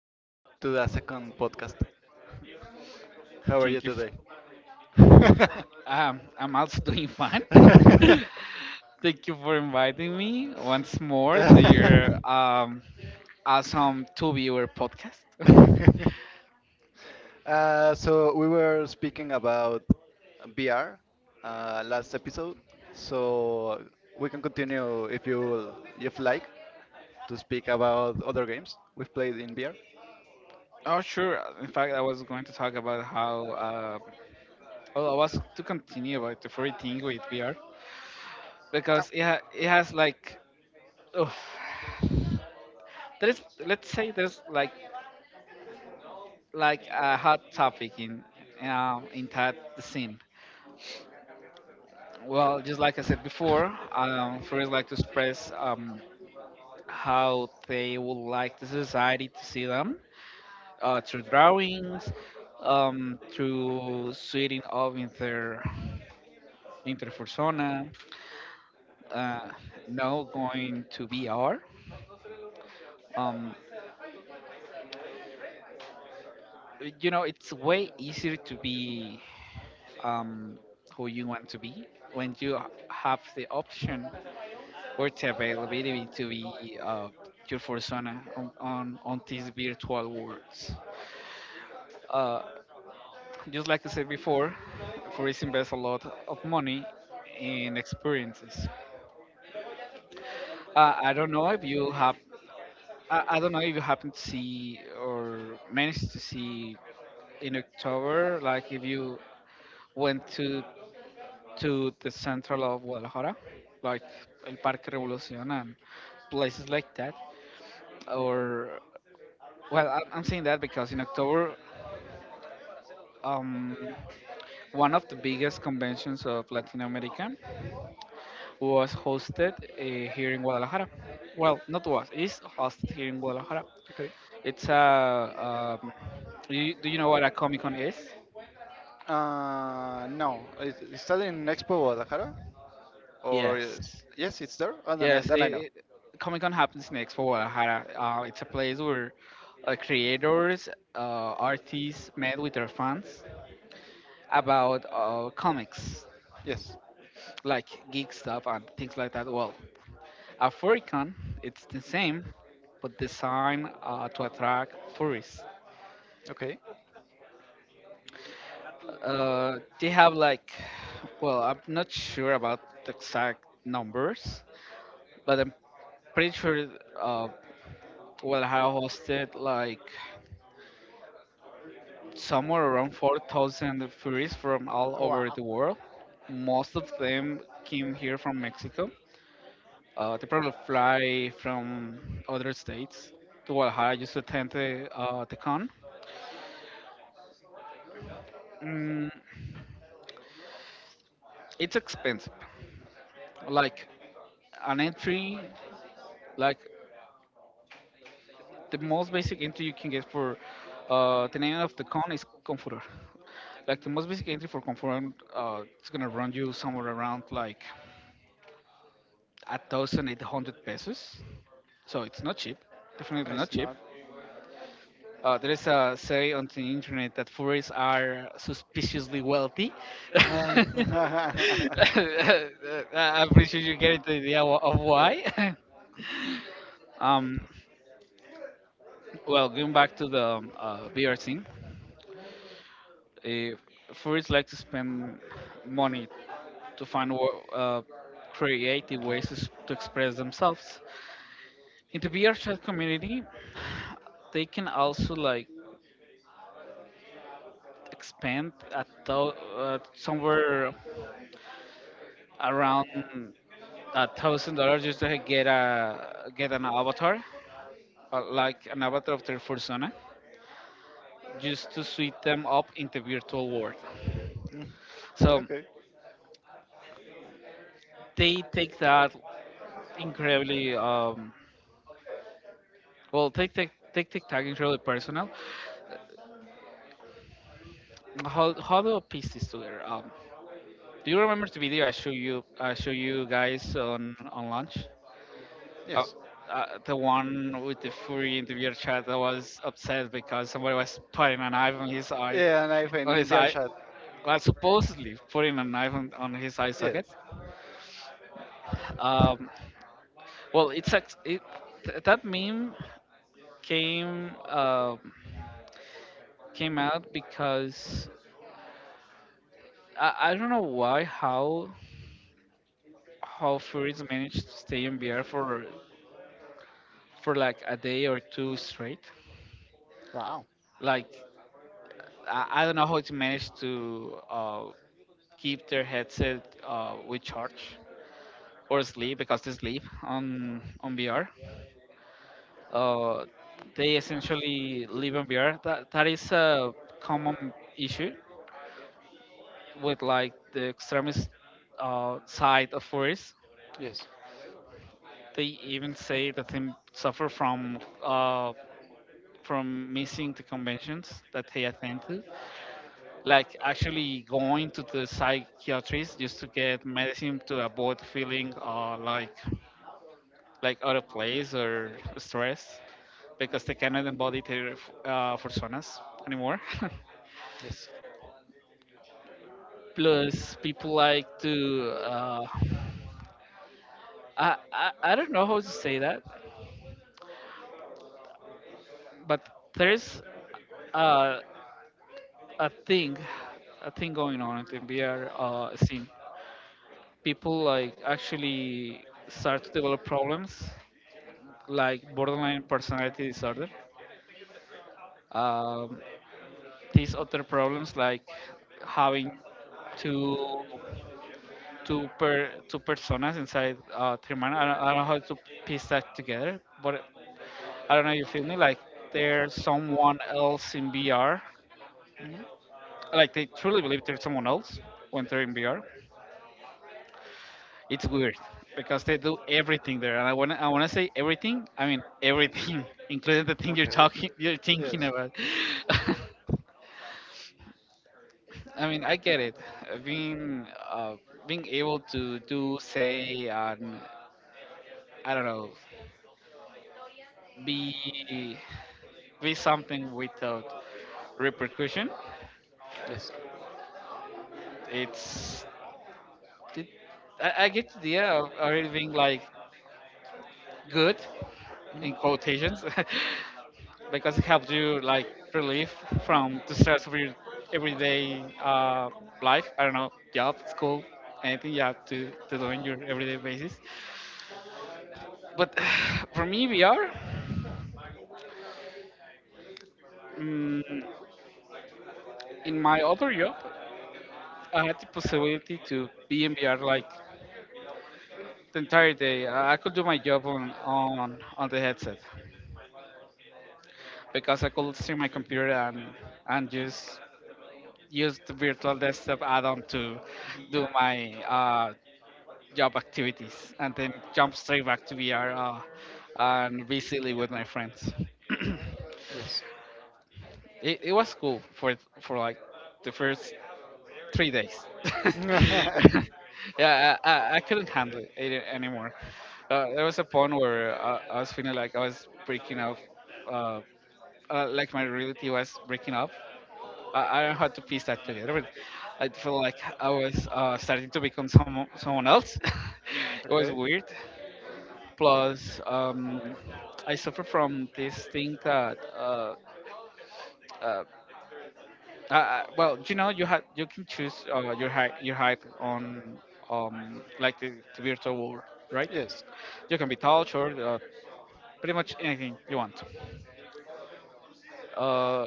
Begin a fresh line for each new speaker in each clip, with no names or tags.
You are invited to the second podcast. How are you
Thank you.
today?
I'm also doing fine. Thank you for inviting me once more to your awesome two viewer podcast.
So we were speaking about VR last episode, so we can continue if you will, if like to speak about other games we've played in VR.
Oh, sure. In fact, I was going to talk about how. Well, I was to continue about the free thing with VR because it has like. Oof, there is, let's say there's like a hot topic in that scene. Well, just like I said before, first like to express, how they would like the society to see them through drawings, through sweating of in their interpersona, uh, now going to VR. Um, it's way easier to be, um, who you want to be when you have the option or the availability to be your persona on these virtual worlds. Uh, just like I said before, Forest invests a lot of money in experiences. I don't know if you have. I don't know if you happen to see or managed to see in October, like if you went to the central of Guadalajara, like El Parque Revolucion and places like that, or well, I'm saying that because in October, um, one of the biggest conventions of Latin America was hosted here in Guadalajara. Well, not was, is hosted here in Guadalajara.
Okay.
It's a, um, do you know what a Comic Con is?
No, is that in Expo Guadalajara? Or is,
Yes.
yes, it's there. Oh, then,
Yes,
then I know.
it, Comic Con happens in Expo Guadalajara. It's a place where creators, artists met with their fans about comics,
Yes.
like geek stuff and things like that. Well, a furicon, it's the same, but designed to attract furries.
Okay.
They have like, well, I'm not sure about the exact numbers, but I'm pretty sure, uh, I have hosted like somewhere around 4,000 furries from all over the world. Most of them came here from Mexico. They probably fly from other states to Guadalajara used to attend the con. Mm, it's expensive. Like an entry, like the most basic entry you can get for, the name of the con is Confurer. Like the most basic entry for Confurer, it's gonna run you somewhere around like a thousand eight hundred pesos. So it's not cheap. Definitely not
It's
cheap.
not.
There is a say on the internet that furries are suspiciously wealthy.
Yeah.
I'm pretty sure you get the idea of why. um, Well, going back to the VR thing, uh, first like to spend money to find creative ways to, to express themselves. In the VR chat community, they can also like expand at somewhere around a thousand dollars just to get an avatar, like an avatar of their persona, just to suit them up in the virtual world.
Mm.
So
Okay.
they take that incredibly. Well, take take take TikTok is really personal. How do I piece this together? Do you remember the video I show you guys on lunch? Uh,
Yes.
the one with the furry interviewer chat that was upset because somebody was putting a knife
Yeah, and I've
on
in
his
beer
eye.
Bielshad.
Well, supposedly putting a knife on his eye socket.
Yes.
Um, well, it's act- it, th- That meme came um came out because, I don't know why how Furies manage to stay in VR for like a day or two straight.
Wow.
Like I don't know how they manage to keep their headset with charge or sleep because they sleep on VR. Uh, they essentially live on VR. That is a common issue with like the extremist side of Furies.
Yes.
They even say that they suffer from, uh, from missing the conventions that he attended, like actually going to the psychiatrist just to get medicine to avoid feeling like out of place or stressed because they cannot embody their personas anymore.
Yes.
Plus, people like to, I don't know how to say that, but there's uh, a thing going on in the VR scene, people like actually start to develop problems like borderline personality disorder, um, these other problems like having two two personas inside three I don't know how to piece that together, but I don't know, you feel me, like there's someone else in BR,
hmm
like they truly believe there's someone else when they're in BR. It's weird because they do everything there, and I wanna say everything. I mean everything, including the thing you're
Okay.
talking you're thinking
Yes.
about. I mean I get it. Being, being able to do, say, and I don't know, be be something without repercussion.
Yes.
It's it, I get the idea of already being like good
hmm
in quotations, because it helps you like relief from the stress of your everyday, life. I don't know, job, school, anything you have to do in your everyday basis. But for me, VR, mm, in my other job, I had the possibility to be in VR like the entire day. I could do my job on the headset because I could stream my computer and just use the virtual desktop add-on to do my, job activities and then jump straight back to VR, and be silly with my friends.
Yes.
It was cool for like the first 3 days. Yeah, I couldn't handle it anymore. There was a point where I was feeling like I was breaking up, uh, like my reality was breaking up. I don't know how to piece that together, but I feel like I was, starting to become someone else. It was
okay.
weird. Plus, I suffer from this thing that, uh, you have, you can choose your height on, like the virtual world, right?
Yes.
You can be tall, short, pretty much anything you want. Uh,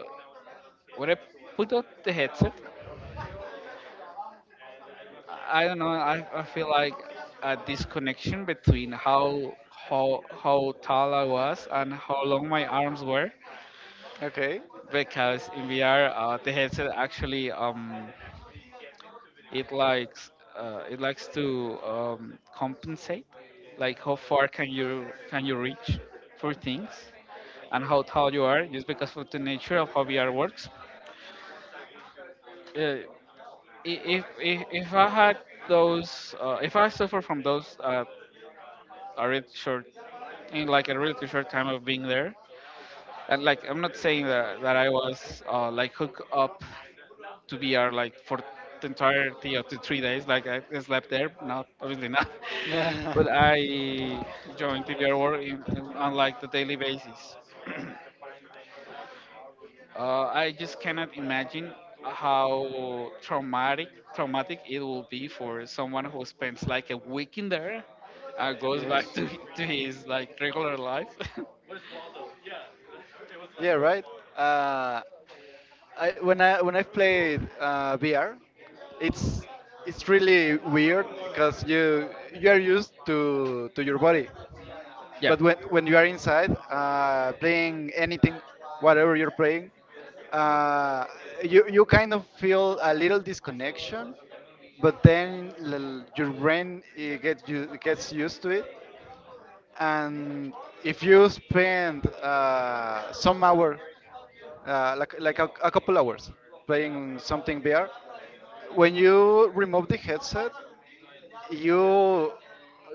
when I put on the headset, I don't know. I feel like a disconnection between how tall I was and how long my arms were
Okay.
because in VR the headset actually it likes, it likes to, compensate, like how far can you reach for things and how tall you are just because of the nature of how VR works. Uh, if I had those, if I suffer from those, already short in like a really short time of being there. And like I'm not saying that I was, like hooked up to VR like for the entirety of the 3 days. Like I slept there, not, obviously not. But
Yeah.
I joined the VR world on like the daily basis. I just cannot imagine how traumatic it will be for someone who spends like a week in there and goes back
Yes.
to his like regular life.
Yeah, right. Uh, I when I've played VR, it's it's really weird because you are used to your body.
Yeah,
But when you are inside playing anything, whatever you're playing, uh, you, you kind of feel a little disconnection, but then your brain it gets used to it. And if you spend some hour, like a couple hours, playing something VR, when you remove the headset, you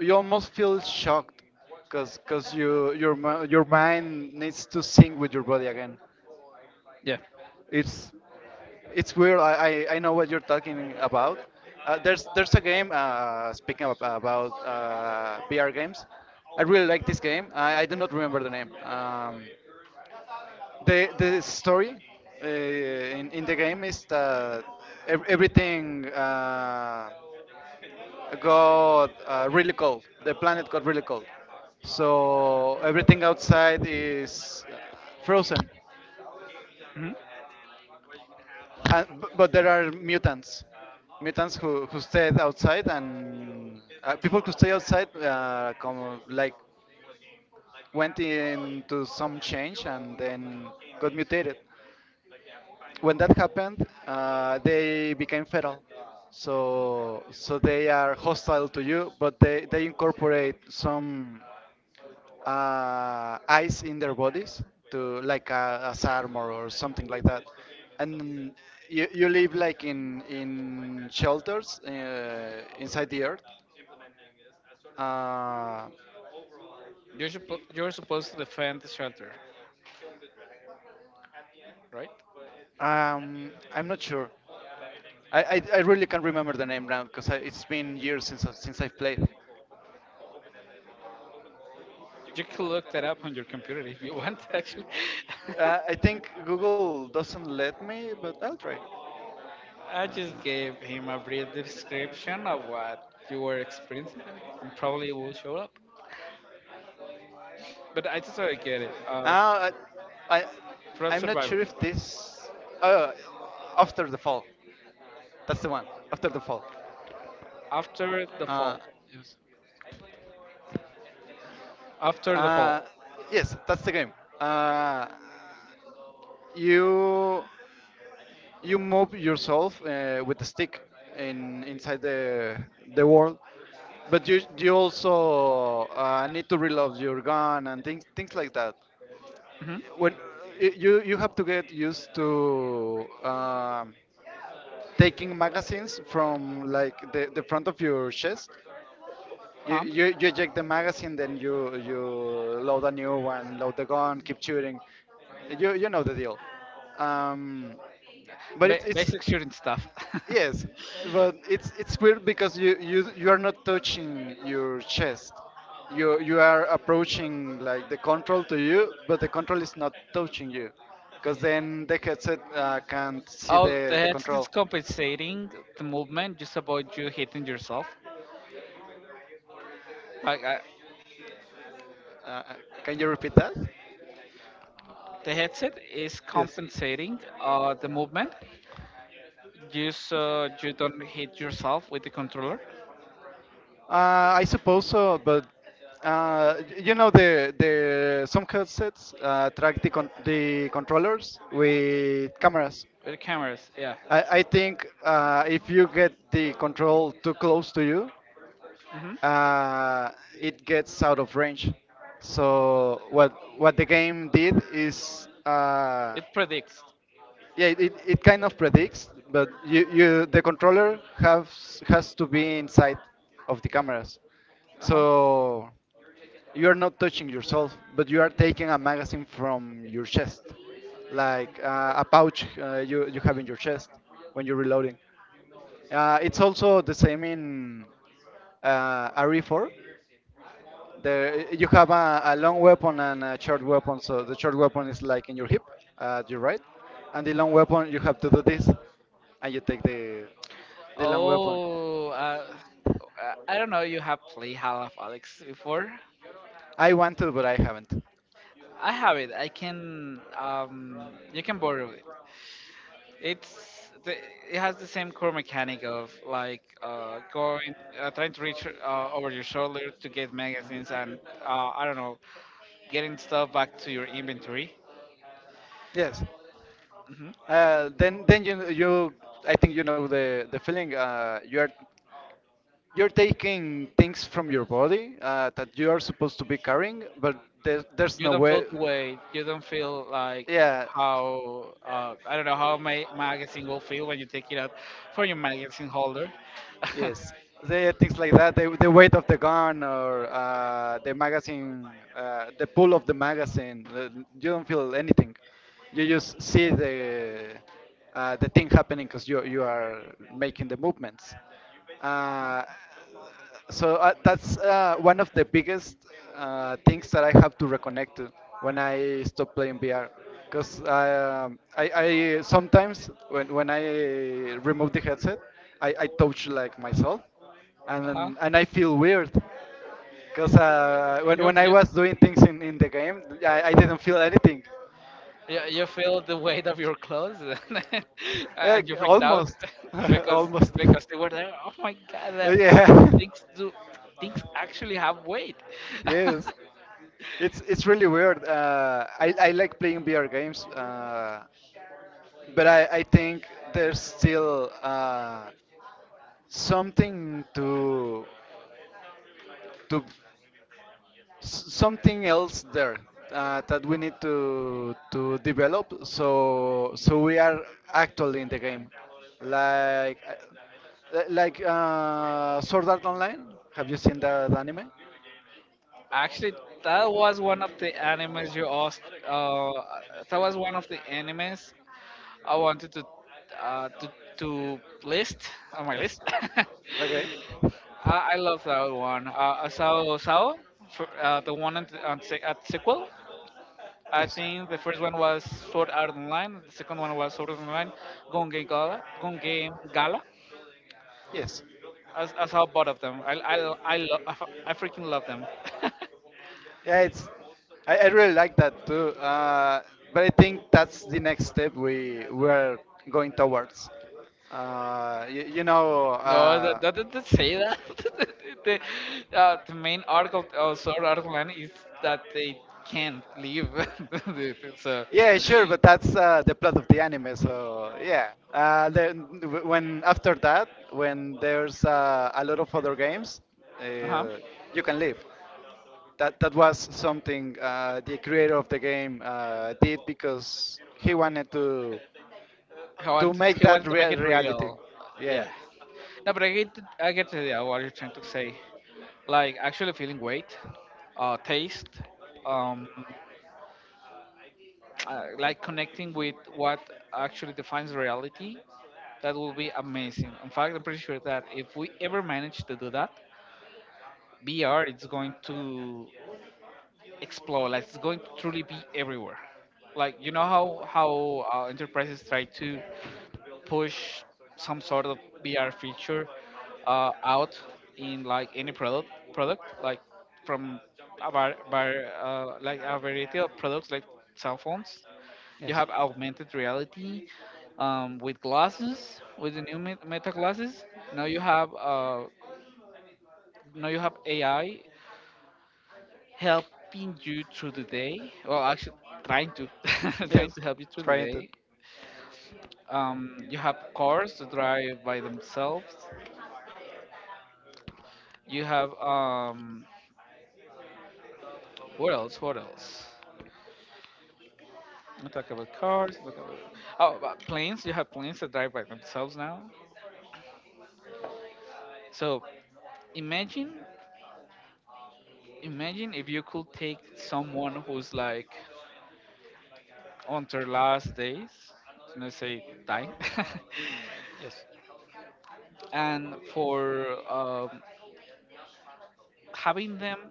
you almost feel shocked because your your mind needs to sync with your body again.
yeah.
It's weird. I know what you're talking about. There's a game speaking of, about VR games. I really like this game. I do not remember the name. The the story in the game is that everything got really cold. The planet got really cold. So everything outside is frozen.
Hmm.
And, but there are mutants. Mutants who stayed outside, and people who stay outside like went into some change and then got mutated. When that happened, they became feral. So so they are hostile to you, but they incorporate some ice in their bodies, to like as armor or something like that. And you live like in shelters inside the earth. Uh,
You're supposed to defend the shelter, right?
I'm not sure. I really can't remember the name now because it's been years since since I've played.
You can look that up on your computer if you want, actually.
I think Google doesn't let me, but I'll try.
I just gave him a brief description of what you were experiencing and probably will show up. But I totally get it.
Uh, I, I
First
I'm not
survivor.
sure if this uh, after the fall. That's the one. After the fall.
After the
Uh,
fall. After the
uh,
fall.
yes, that's the game. Uh, you you move yourself with the stick in inside the world, but you also need to reload your gun and things like that.
Hmm.
When you you have to get used to taking magazines from like the front of your chest.
Huh?
You you eject the magazine, then you load a new one, load the gun, keep shooting. You know the deal. Um, but it's it's
Basic shooting stuff.
yes, but it's weird because you are not touching your chest. You are approaching like the control to you, but the control is not touching you, because then the headset can't see
Oh, the
the
headset is
control.
compensating the movement just about you hitting yourself. Like, I,
Uh, uh, can you repeat that?
The headset is
Yes.
compensating the movement, just so you don't hit yourself with the controller.
I suppose so, but you know the some headsets track the con the controllers with cameras.
With the cameras, yeah.
I think if you get the control too close to you,
Hmm.
uh, it gets out of range. So what the game did is
It predicts.
yeah it kind of predicts, but you the controller has to be inside of the cameras.
Uh-huh.
So you are not touching yourself, but you are taking a magazine from your chest, like a pouch you you have in your chest when you're reloading. It's also the same in RE4. There you have a long weapon and a short weapon, so the short weapon is like in your hip, at your right, and the long weapon you have to do this, and you take the long weapon.
Oh, uh, I don't know. You have played half of Alex before?
I want to, but I haven't.
I have it. I can. You can borrow it. It's the, it has the same core mechanic of like, trying to reach over your shoulder to get magazines and, I don't know, getting stuff back to your inventory.
Yes.
Hmm.
Then then you I think you know the feeling. You're taking things from your body that you are supposed to be carrying, but there's
You
no
don't feel
way.
the weight. You don't feel like
Yeah,
how, I don't know how my magazine will feel when you take it out from your magazine holder. Uh-huh.
yes. The things like that, the weight of the gun or the magazine, the pull of the magazine. You don't feel anything. You just see the thing happening because you are making the movements. Uh, so that's one of the biggest things that I have to reconnect to when I stop playing VR. Because I sometimes when I remove the headset, I touch like myself, and
Uh-huh.
and I feel weird. Because
You,
when I
you
was doing things in the game, I didn't feel anything.
you feel the weight of your clothes
Yeah,
and you freaked out
almost,
because
almost.
because they were there. Oh my god, that
yeah.
things do things actually have weight.
Yes, it's really weird. I I like playing VR games, but I I think there's still something to s- something else there that we need to develop. So so we are actually in the game, like like Sword Art Online. Have you seen that anime?
Actually, that was one of the animes you asked. That was one of the animes I wanted to, uh, to to list on my list.
Okay.
I love that one. Sao, for, the one on at sequel. I
Yes.
think the first one was Sword Art Online. The second one was Sword Art Online, Gun Game Gala.
Yes.
I saw both of them. I I freaking love them.
Yeah, it's. I really like that too. But I think that's the next step we're going towards. You know.
No, that, that doesn't say that. The main article, sort of article line is that they can't leave. The- the- so,
Yeah, sure, but that's the plot of the anime. So yeah, when after that, when there's a lot of other games,
uh-huh.
uh, you can leave. That that was something the creator of the game did because he wanted
he,
to
wanted,
make
he
that
wanted to make it
reality.
real.
Yeah.
Yeah. No, but I get the idea what you're trying to say. Like, actually feeling weight, taste, um, like connecting with what actually defines reality. That will be amazing. In fact, I'm pretty sure that if we ever manage to do that, VR it's going to explode. Like it's going to truly be everywhere. Like you know how enterprises try to push some sort of VR feature out in like any product like from a like a variety of products like cell phones. You have augmented reality with glasses with the new meta glasses. Now you have uh, now you have AI helping you through the day. Well, actually, trying to trying
Yes.
to help you through the
Trying to
day. You have cars to drive by themselves. You have what else? What else? I talk about cars. Talk about oh, about planes. You have planes that drive by themselves now. So imagine, imagine if you could take someone who's like on their last days, let's say dying,
yes.
and for having them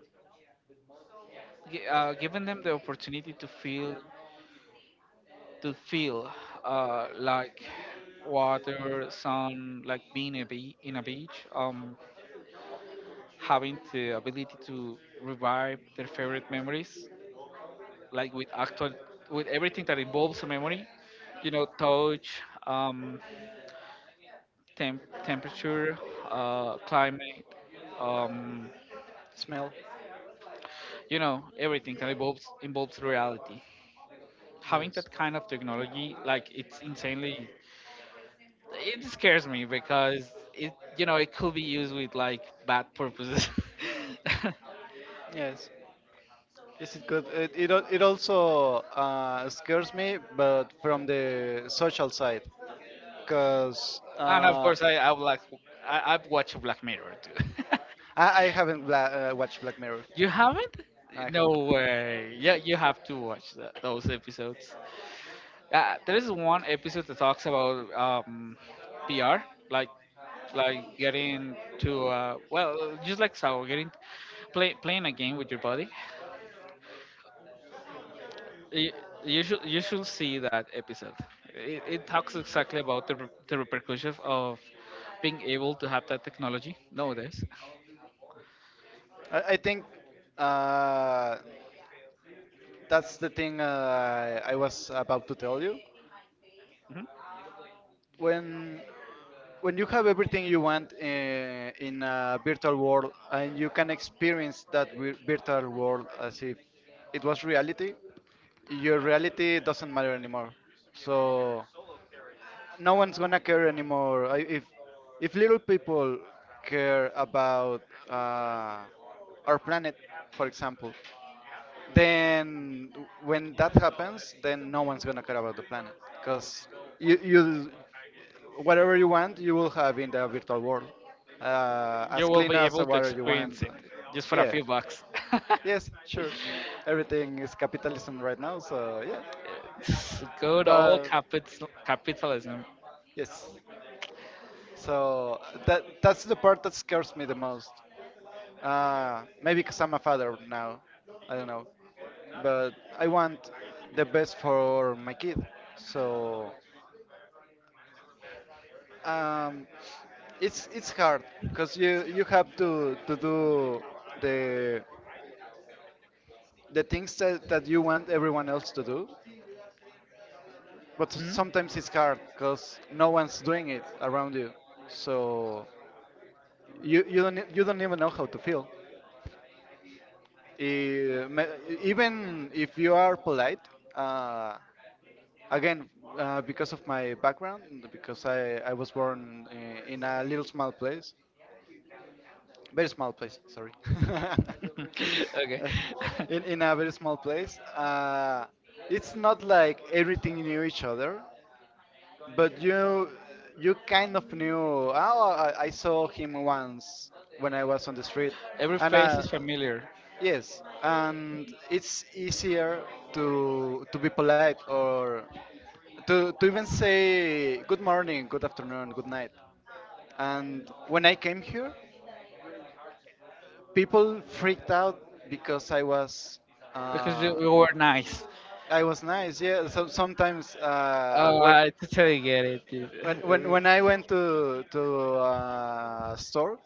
giving them the opportunity to feel like water, sun, like being in a beach, having the ability to revive their favorite memories, like with actual with everything that involves a memory, you know, touch, um, temperature, climate, um,
Smell.
you know, everything that involves reality. Having that kind of technology, like it's insanely it scares me because it you know it could be used with like bad purposes.
Yes, yes, it could. It it also scares me, but from the social side, because
And of course I would like I've watched Black Mirror too.
I haven't watched Black Mirror.
You haven't?
I
No
have.
way, yeah, you have to watch those episodes. There is one episode that talks about pr like like getting to well just like so getting playing a game with your body. you, you should, you should see that episode. It talks exactly about the repercussions of being able to have that technology nowadays.
I think uh, that's the thing I was about to tell you.
Mhm.
When when you have everything you want in a virtual world and you can experience that virtual world as if it was reality, your reality doesn't matter anymore. So no one's gonna care anymore. If little people care about uh, our planet, for example, then when that happens, then no one's gonna care about the planet because you whatever you want you will have in the virtual world,
You
as
will
clean
be
as the
able to
water you want.
experience it
And
just for a
yeah,
few bucks.
yes, sure. Everything is capitalism right now, so yeah.
It's good old
But
capitalism.
yes, so that that's the part that scares me the most. Maybe because I'm a father now. I don't know. But I want the best for my kid. So um, it's hard because you have to do the the things that, that you want everyone else to do.
Mhm.
But sometimes it's hard because no one's doing it around you. So you don't you don't even know how to feel. Eh, me- Even if you are polite. Uh, Again, because of my background, and because I was born in a little small place, very small place, sorry.
Okay.
In a very small place, it's not like everything knew each other, but you kind of knew. Oh, I saw him once when I was on the street,
Every
and
face is familiar
yes, and it's easier to be polite or to even say good morning, good afternoon, good night. And when I came here, people freaked out because
because
uh,
you were nice.
I was nice. Yeah. So sometimes uh,
Oh,
when
I totally get it, dude.
when when I went to store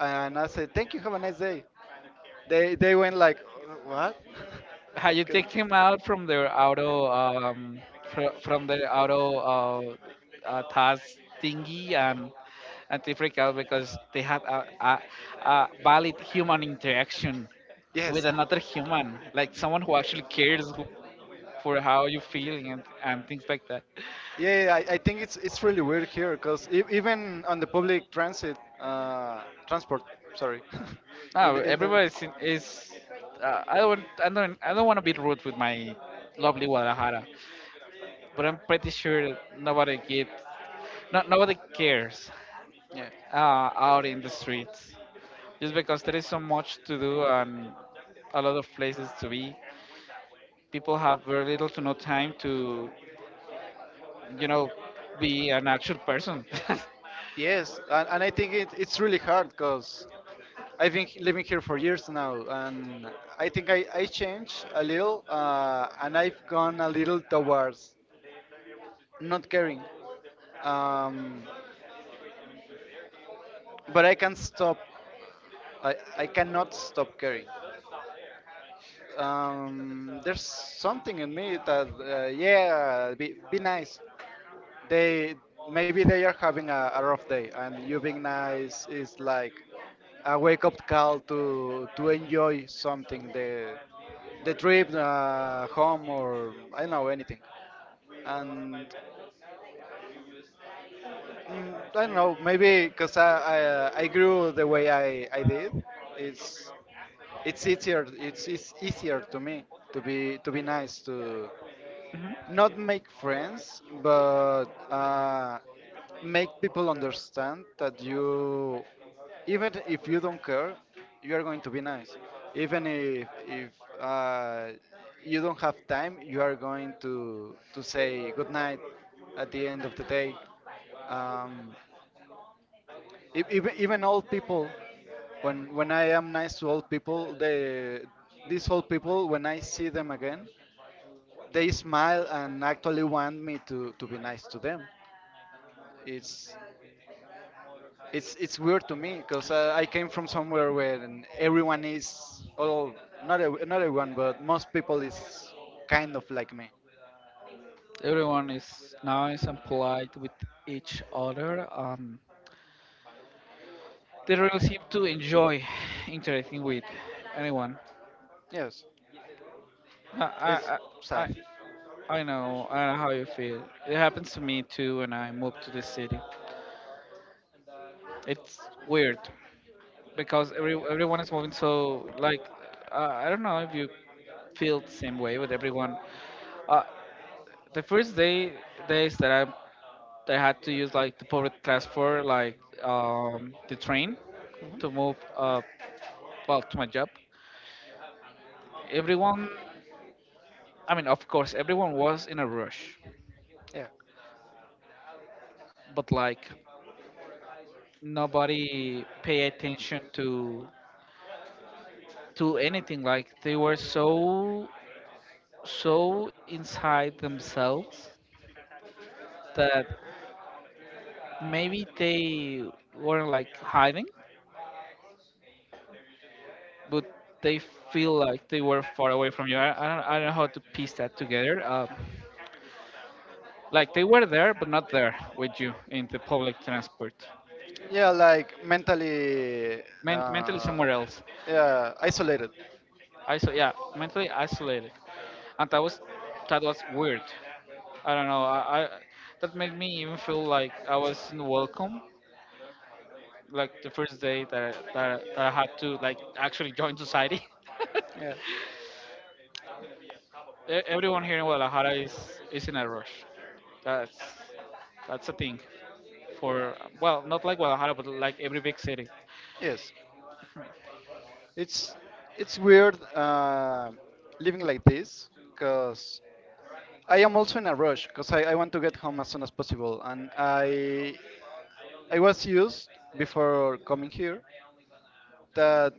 and I said thank you, have a nice day, they went like what?
How you take him out from their auto from the auto task thingy, and they freak out because they have a valid human interaction with
yes,
another human, like someone who actually cares, who, for how you're feeling and things like that.
yeah, yeah, I think it's really weird here because even on the public transit, transport, sorry,
No,
in the,
everybody is, I don't want to be rude with my lovely Guadalajara, but I'm pretty sure that nobody gives not nobody cares,
yeah,
out in the streets, just because there is so much to do and a lot of places to be. People have very little to no time to, you know, be an actual person.
yes, and I think it's really hard because I've been living here for years now, and I think I changed a little, and I've gone a little towards not caring, um, but I can stop, I cannot stop caring. There's something in me that yeah be nice. They Maybe they are having a rough day and you being nice is like a wake up call to enjoy something, the trip home or I don't know anything. And I don't know, maybe because I grew the way I did. Is It's easier, it's easier to me to be nice, to
Mhm.
not make friends but make people understand that you, even if you don't care, you are going to be nice, even if uh, you don't have time, you are going to say good night at the end of the day. um, Even, even old people, when I am nice to old people, they these old people, when I see them again, they smile and actually want me to be nice to them. It's it's weird to me because I came from somewhere where n- everyone is all not ev- not everyone, but most people is kind of like me.
Everyone is nice and polite with each other. They really seem to enjoy interacting with anyone.
Yes,
I,
it's
I, I, I
sad.
I know how you feel. It happens to me too when I moved to the city. It's weird, because everyone is moving so like, I don't know if you feel the same way with everyone. uh, the first day days that I had to use like the public transport, like the train, to move well, to my job, everyone, I mean, of course everyone was in a rush,
Yeah,
but like nobody pay attention to anything, like they were so inside themselves that maybe they weren't like hiding, but they feel like they were far away from you. I don't, I don't know how to piece that together. Like they were there but not there with you in the public transport.
yeah, like mentally,
Men- mentally
uh,
somewhere else.
yeah, isolated.
I so yeah, mentally isolated, and that was weird. I don't know. I that made me even feel like I wasn't welcome. Like the first day that that I had to like actually join society.
Yeah.
E- Everyone here in Guadalajara is in a rush. That's that's a thing for, well, not like Guadalajara, but like every big city.
Yes, it's it's weird living like this because I am also in a rush because I want to get home as soon as possible and I was used before coming here that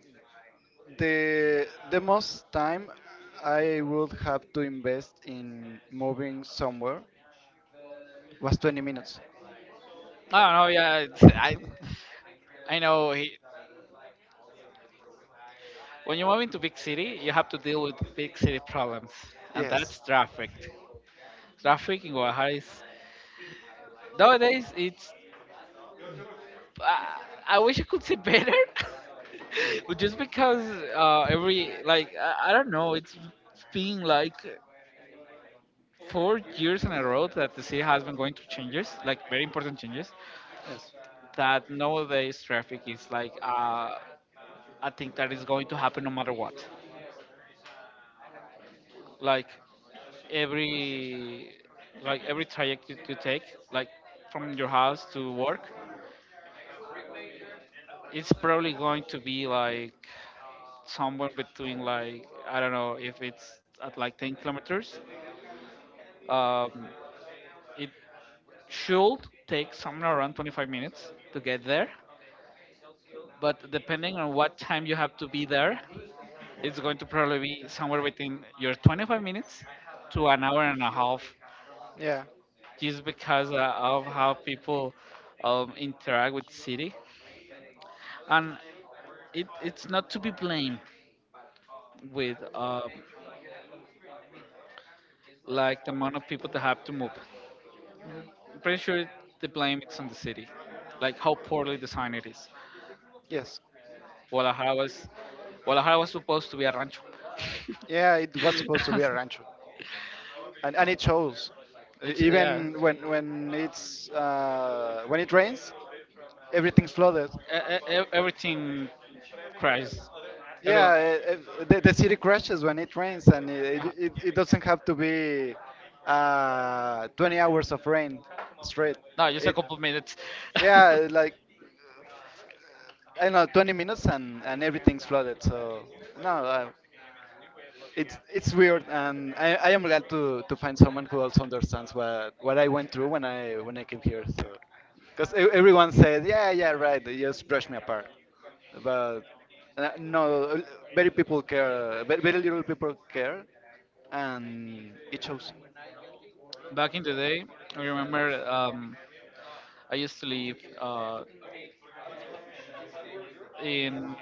the most time I would have to invest in moving somewhere was 20 minutes.
I don't know. Yeah, I know. He, when you move into big city, you have to deal with big city problems, and
Yes.
that's traffic. Traffic in Guadalajara is nowadays it's. Uh, I wish I could say better, but just because every like I don't know, it's being like four years in a row that the city has been going through changes, like very important changes,
Yes.
that nowadays traffic is like, I think that is going to happen no matter what. Like every like every traject you take, like from your house to work, it's probably going to be like somewhere between, like I don't know, if it's at like 10 kilometers. Um, it should take somewhere around 25 minutes to get there, but depending on what time you have to be there, it's going to probably be somewhere within your 25 minutes to an hour and a half,
Yeah.
just because of how people interact with city, and it's not to be blamed with like the amount of people that have to move. I'm pretty sure the blame is on the city, like how poorly designed it is.
Yes.
Guadalajara was Guadalajara was supposed to be a rancho.
Yeah, it was supposed to be a rancho. And it shows.
It's yeah.
Even when it's when it rains, everything's flooded.
Everything crashed. Everyone.
Yeah, the city crashes when it rains, and
uh,
it it doesn't have to be 20 hours of rain straight.
No, just a
It,
couple minutes.
yeah, like I don't know, 20 minutes and everything's flooded. So no, it's weird, and I am glad to find someone who also understands what I went through when I came here. So, because everyone says, yeah, yeah, right, they just brush me apart, but no, very people care, very little people care, and it shows.
Back in the day, I remember I used to live in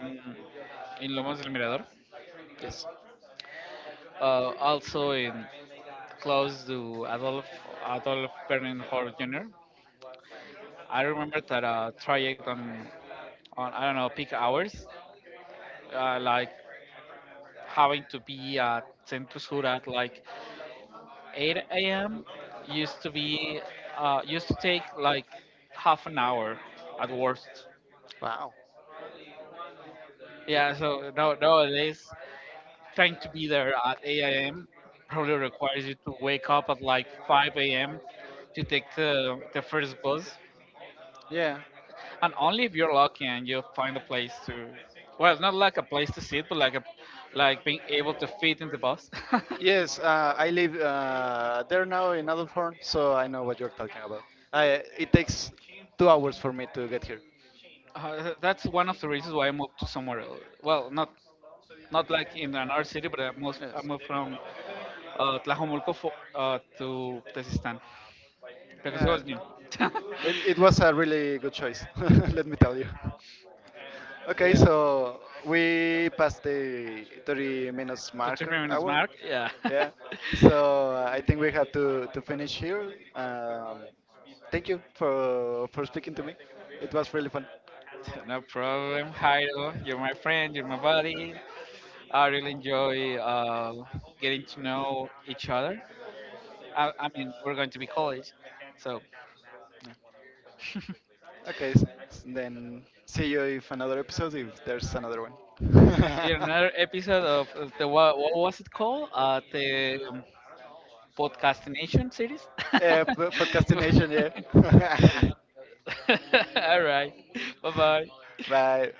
in Lomas del Mirador,
Yes.
also in close to Adolf Bernhard Jr. I remember that traject on I don't know peak hours, like having to be at Centro Sur at like 8 a.m. used to be used to take like half an hour at worst.
Wow.
Yeah, so no, nowadays trying to be there at 8 a.m. probably requires you to wake up at like 5 a.m. to take the first bus,
Yeah.
and only if you're lucky and you find a place to, well, not like a place to sit, but like a like being able to fit in the bus.
Yes, I live there now in Adolfhorn, so I know what you're talking about. It takes 2 hours for me to get here.
That's one of the reasons why I moved to somewhere else. Well, not not like in another city, but I
Yes.
moved from Tlajomulco to Tezistan because it
Yeah,
was new.
it was a really good choice, let me tell you. Okay,
Yeah,
so we passed the 30 minutes
the three
marker
minutes
hour.
mark. Yeah,
Yeah. So I think we have to finish here. Thank you for speaking to me. It was really fun.
no problem. Jairo, you're my friend, you're my buddy. I really enjoy getting to know each other. I mean, we're going to be college, so see
Okay, then see you if another episode if there's another one.
you in another episode of the what was it called? The podcastination series.
yeah,
So-
podcastination. Yeah.
All right. Bye bye.
Bye.